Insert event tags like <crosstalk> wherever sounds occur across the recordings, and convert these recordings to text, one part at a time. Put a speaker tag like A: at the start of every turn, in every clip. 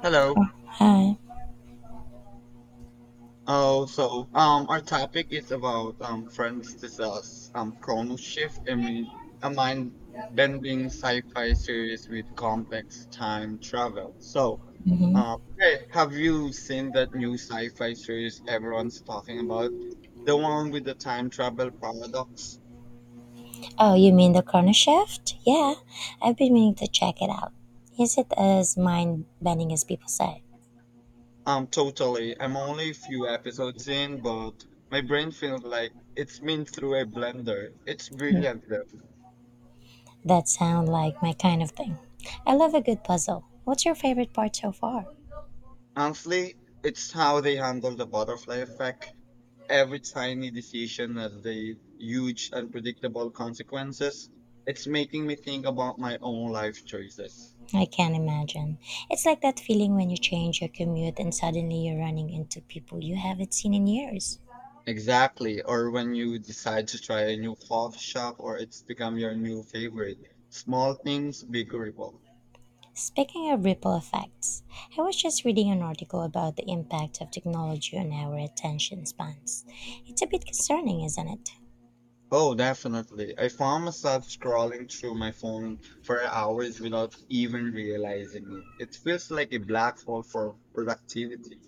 A: Hello.
B: Oh, hi.
A: Oh, so our topic is about Francis' chrono shift. I mean, a mind-bending sci-fi series with complex time travel.
B: Hmm.
A: Hey, have you seen that new sci-fi series everyone's talking about? The one with the time travel paradox?
B: Oh, you mean the corner shift? Yeah, I've been meaning to check it out. Is it as mind bending as people say?
A: Totally. I'm only a few episodes in, but my brain feels like it's been through a blender. It's
B: Hmm.
A: brilliant, though.
B: That sound like my kind of thing. I love a good puzzle. What's your favorite part so far?
A: Honestly, it's how they handle the butterfly effect. Every tiny decision has the huge, unpredictable consequences. It's making me think about my own life choices.
B: I can't imagine. It's like that feeling when you change your commute and suddenly you're running into people you haven't seen in years.
A: Exactly. Or when you decide to try a new coffee shop or it's become your new favorite. Small things, big ripple.
B: Speaking of ripple effects, I was just reading an article about the impact of technology on our attention spans. It's a bit concerning, isn't it?
A: Oh, definitely. I found myself scrolling through my phone for hours without even realizing it. It feels like a black hole for productivity.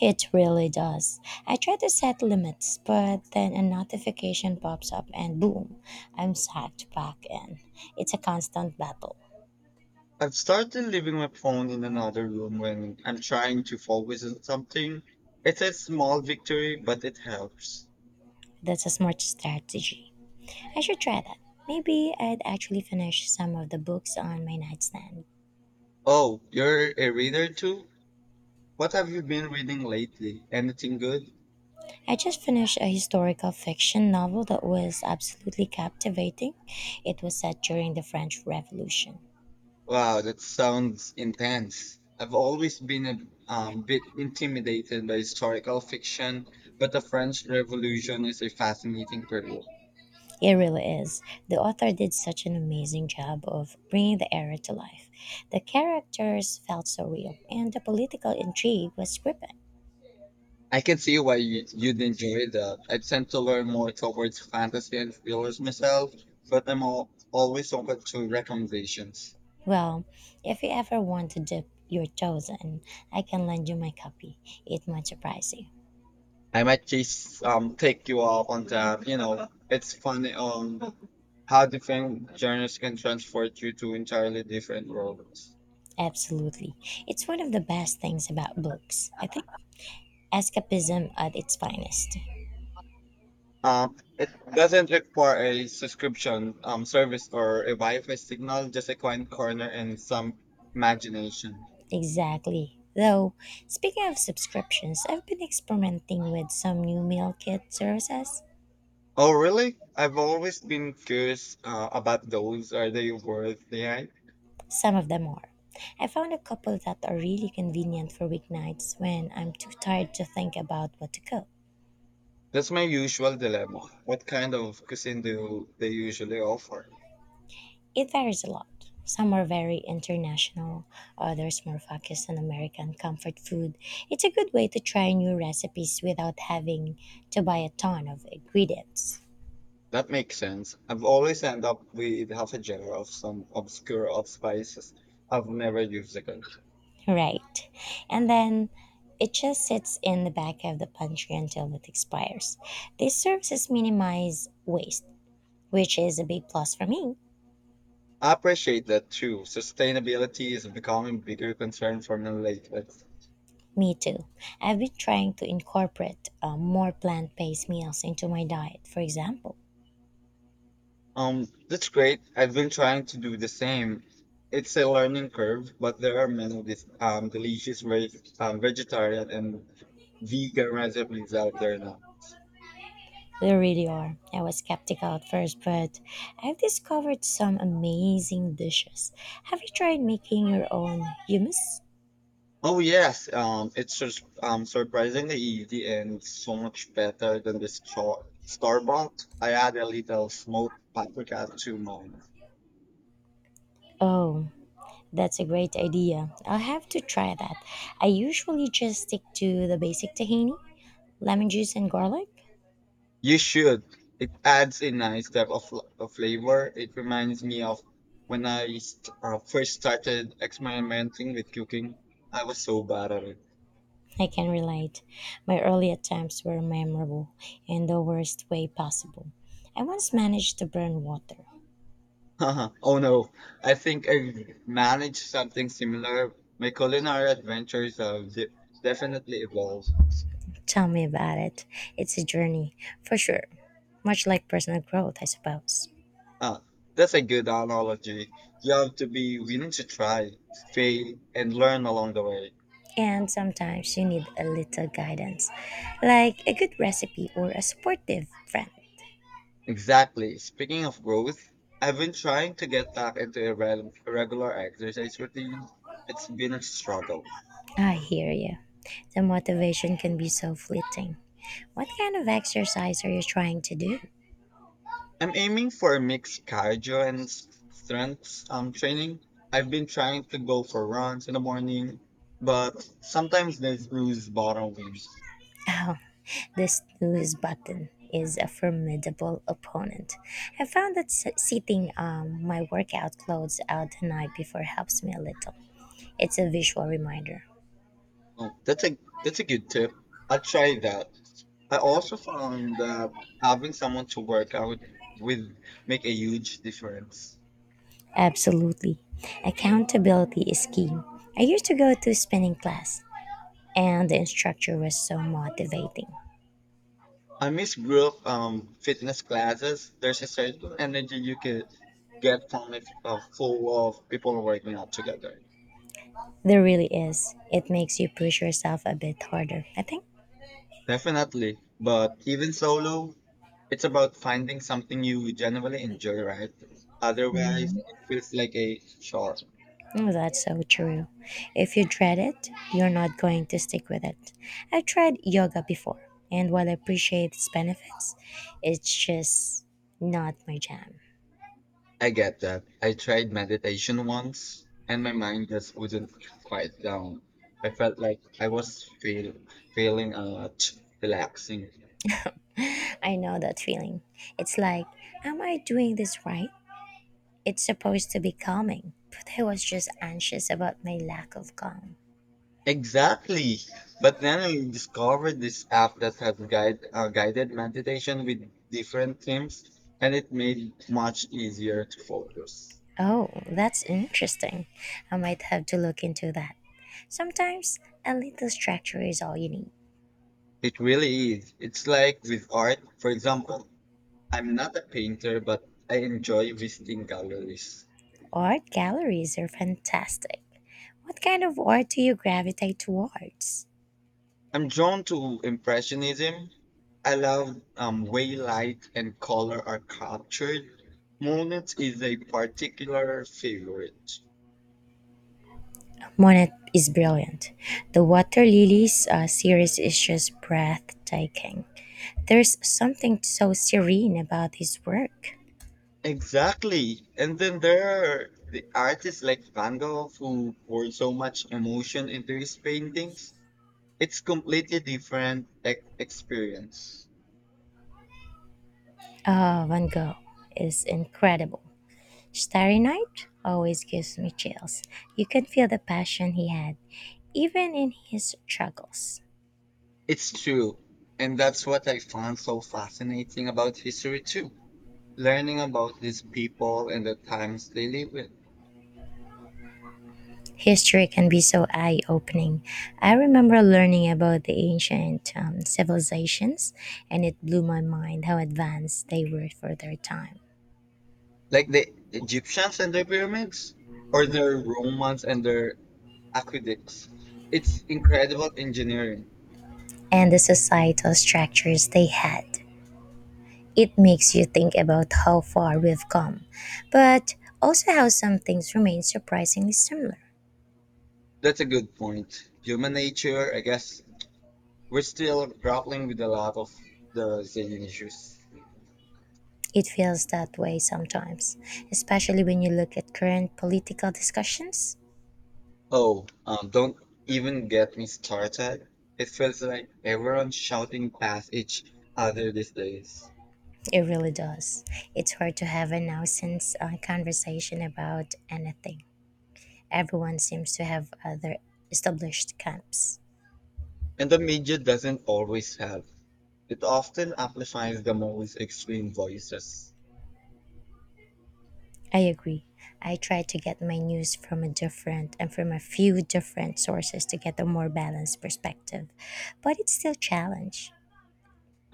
B: It really does. I try to set limits, but then a notification pops up and boom, I'm sucked back in. It's a constant battle.
A: I've started leaving my phone in another room when I'm trying to focus on something. It's a small victory, but it helps.
B: That's a smart strategy. I should try that. Maybe I'd actually finish some of the books on my nightstand.
A: Oh, you're a reader too? What have you been reading lately? Anything good?
B: I just finished a historical fiction novel that was absolutely captivating. It was set during the French Revolution.
A: Wow, that sounds intense. I've always been a bit intimidated by historical fiction, but the French Revolution is a fascinating period.
B: It really is. The author did such an amazing job of bringing the era to life. The characters felt so real, and the political intrigue was gripping.
A: I can see why you'd enjoy that. I tend to learn more towards fantasy and thrillers myself, but always open to recommendations.
B: Well, if you ever want to dip your toes in, I can lend you my copy. It might surprise you.
A: I might just take you up on that. You know, it's funny how different genres can transport you to entirely different worlds.
B: Absolutely. It's one of the best things about books, I think. Escapism at its finest.
A: Um, doesn't require a subscription service or a Wi-Fi signal, just a quiet corner and some imagination.
B: Exactly. Though, speaking of subscriptions, I've been experimenting with some new meal kit services.
A: Oh, really? I've always been curious about those. Are they worth the hype?
B: Some of them are. I found a couple that are really convenient for weeknights when I'm too tired to think about what to cook.
A: That's my usual dilemma. What kind of cuisine do they usually offer?
B: It varies a lot. Some are very international, others more focused on American comfort food. It's a good way to try new recipes without having to buy a ton of ingredients.
A: That makes sense. I've always end up with half a jar of some obscure of spices I've never used again.
B: Right. And then it just sits in the back of the pantry until it expires. These services minimize waste, which is a big plus for me.
A: I appreciate that too. Sustainability is becoming a bigger concern for me lately.
B: Me too. I've been trying to incorporate more plant based meals into my diet, for example.
A: That's great. I've been trying to do the same. It's a learning curve, but there are many delicious vegetarian and vegan recipes out there now.
B: They really are. I was skeptical at first, but I've discovered some amazing dishes. Have you tried making your own hummus?
A: Oh yes, it's just surprisingly easy and so much better than the store bought. I add a little smoked paprika to mine.
B: Oh, that's a great idea. I'll have to try that. I usually just stick to the basic tahini, lemon juice, and garlic.
A: You should. It adds a nice of flavor. It reminds me of when I first started experimenting with cooking. I was so bad at it.
B: I can relate. My early attempts were memorable in the worst way possible. I once managed to burn water.
A: <laughs> Oh no, I think I managed something similar. My culinary adventures have definitely evolved.
B: Tell me about it. It's a journey, for sure. Much like personal growth, I suppose.
A: Ah, that's a good analogy. You have to be willing to try, fail, and learn along the way.
B: And sometimes you need a little guidance, like a good recipe or a supportive friend.
A: Exactly. Speaking of growth, I've been trying to get back into a regular exercise routine. It's been a struggle.
B: I hear you. The motivation can be so fleeting. What kind of exercise are you trying to do?
A: I'm aiming for a mix cardio and strength training. I've been trying to go for runs in the morning, but sometimes there's bruise bottom waves.
B: <laughs> Wow, the snooze button is a formidable opponent. I found that sitting my workout clothes out the night before helps me a little. It's a visual reminder.
A: Oh, that's a good tip. I'll try that. I also found that having someone to work out with make a huge difference.
B: Absolutely. Accountability is key. I used to go to spinning class, and the instructor was so motivating.
A: I miss group fitness classes. There's a certain energy you could get from it full of people working out together.
B: There really is. It makes you push yourself a bit harder, I think.
A: Definitely. But even solo, it's about finding something you genuinely enjoy, right? Otherwise,
B: Mhm.
A: it feels like a chore.
B: Mm, that's so true. If you dread it, you're not going to stick with it. I've tried yoga before, and while I appreciate its benefits, it's just not my jam.
A: I get that. I tried meditation once and my mind just wouldn't quiet down. I felt like I was feeling relaxing.
B: <laughs> I know that feeling. It's like, am I doing this right? It's supposed to be calming, but I was just anxious about my lack of calm.
A: Exactly. But then I discovered this app that has guided meditation with different themes, and it made much easier to focus.
B: Oh, that's interesting. I might have to look into that. Sometimes a little structure is all you need.
A: It really is. It's like with art, for example, I'm not a painter, but I enjoy visiting galleries.
B: Art galleries are fantastic. What kind of art do you gravitate towards?
A: I'm drawn to Impressionism. I love way light and color are captured. Monet is a particular favorite.
B: Monet is brilliant. The Water Lilies series is just breathtaking. There's something so serene about his work.
A: Exactly. And then there are the artists like Van Gogh who poured so much emotion into his paintings. It's completely different experience.
B: Van Gogh is incredible. Starry Night always gives me chills. You can feel the passion he had, even in his struggles.
A: It's true. And that's what I found so fascinating about history too. Learning about these people and the times they live in.
B: History can be so eye opening. I remember learning about the ancient civilizations, and it blew my mind how advanced they were for their time
A: Like the Egyptians and their pyramids, or the Romans and their aqueducts. It's incredible engineering.
B: and the societal structures they had. It makes you think about how far we've come, but also how some things remain surprisingly similar.
A: That's a good point. Human nature, I guess. We're still grappling with a lot of the Brazilian issues.
B: It feels that way sometimes, especially when you look at current political discussions.
A: Oh, don't even get me started. It feels like everyone's shouting past each other these days.
B: It really does. It's hard to have a nonsense conversation about anything. Everyone seems to have other established camps.
A: And the media doesn't always help. It often amplifies the most extreme voices.
B: I agree. I try to get my news from a different and from a few different sources to get a more balanced perspective, but it's still a challenge.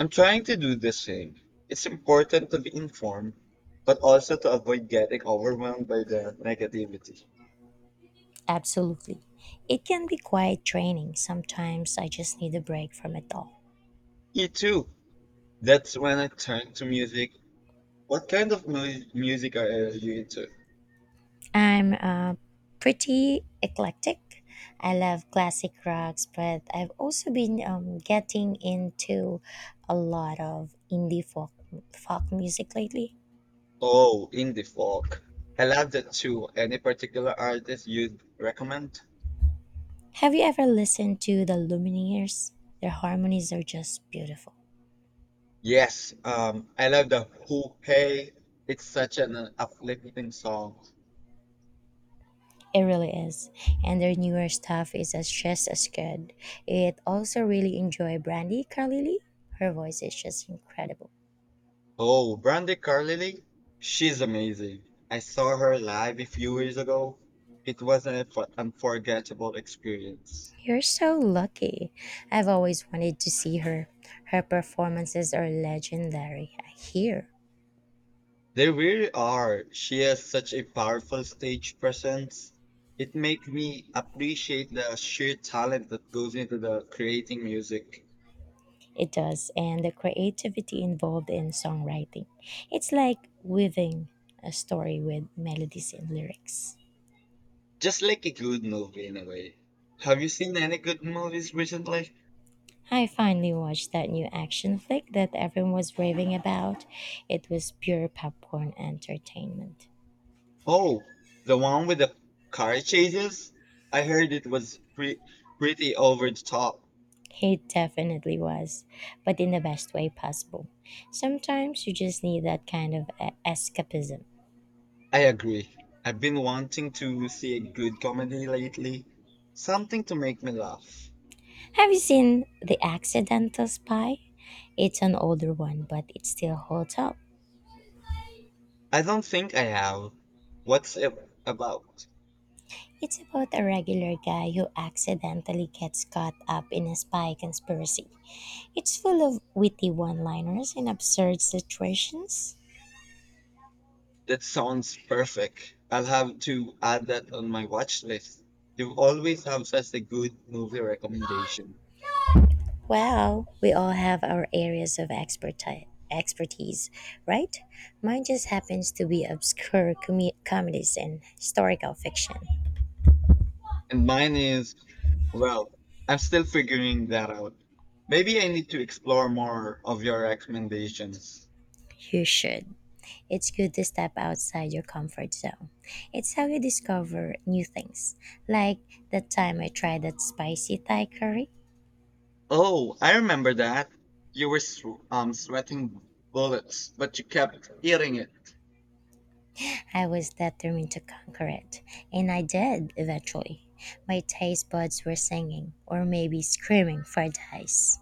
A: I'm trying to do the same. It's important to be informed, but also to avoid getting overwhelmed by the negativity.
B: Absolutely. It can be quite draining. Sometimes I just need a break from it all.
A: Me too. That's when I turn to music. What kind of mu music are you into?
B: I'm pretty eclectic. I love classic rocks, but I've also been getting into a lot of folk music lately.
A: Oh, indie folk. I love that too. Any particular artist you'd recommend?
B: Have you ever listened to the Lumineers? Their harmonies are just beautiful.
A: Yes, I love the Who Hey. It's such an uplifting song.
B: It really is. And their newer stuff is as just as good. It also really enjoy Brandy Carlile. Her voice is just incredible.
A: Oh, Brandy Carlile, she's amazing. I saw her live a few years ago. It was an unforgettable experience.
B: You're so lucky. I've always wanted to see her. Her performances are legendary, I hear.
A: They really are. She has such a powerful stage presence. It makes me appreciate the sheer talent that goes into the creating music.
B: It does, and the creativity involved in songwriting. It's like weaving a story with melodies and lyrics.
A: Just like a good movie in a way. Have you seen any good movies recently?
B: I finally watched that new action flick that everyone was raving about. It was pure popcorn entertainment.
A: Oh, the one with the car chases? I heard it was pretty over the top.
B: It definitely was, but in the best way possible. Sometimes you just need that kind of escapism.
A: I agree. I've been wanting to see a good comedy lately. Something to make me laugh.
B: Have you seen The Accidental Spy? It's an older one, but it still holds up.
A: I don't think I have. What's it about?
B: It's about a regular guy who accidentally gets caught up in a spy conspiracy. It's full of witty one liners and absurd situations.
A: That sounds perfect. I'll have to add that on my watch list. You always have such a good movie recommendation.
B: Well, we all have our areas of expertise, right? Mine just happens to be obscure comedies and historical fiction.
A: And mine is, well, I'm still figuring that out. Maybe I need to explore more of your recommendations.
B: You should. It's good to step outside your comfort zone. It's how you discover new things. Like that time I tried that spicy Thai curry,
A: Oh, I remember that. You were sweating bullets, but you kept eating it.
B: I was determined to conquer it, and I did eventually. My taste buds were singing, or maybe screaming for dice.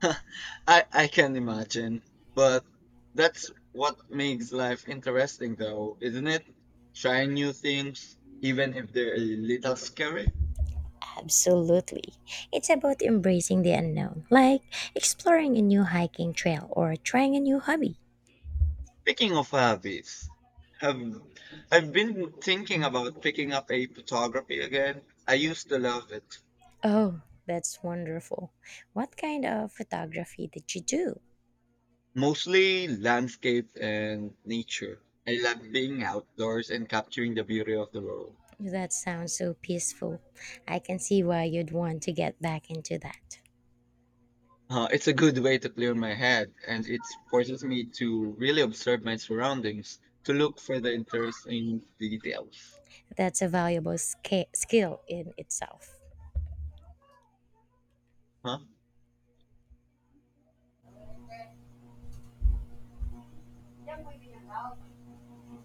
A: <laughs> I can imagine, but that's what makes life interesting, though, isn't it? Trying new things, even if they're a little scary.
B: Absolutely. It's about embracing the unknown, like exploring a new hiking trail or trying a new hobby.
A: Speaking of hobbies, have I've been thinking about picking up a photography again. I used to love it,
B: Oh, that's wonderful. What kind of photography did you do?
A: mostly landscape and nature. I love being outdoors and capturing the beauty of the world.
B: That sounds so peaceful. I can see why you'd want to get back into that.
A: It's a good way to clear my head, and it forces me to really observe my surroundings to look for the interesting details.
B: That's a valuable skill in itself.
A: Huh?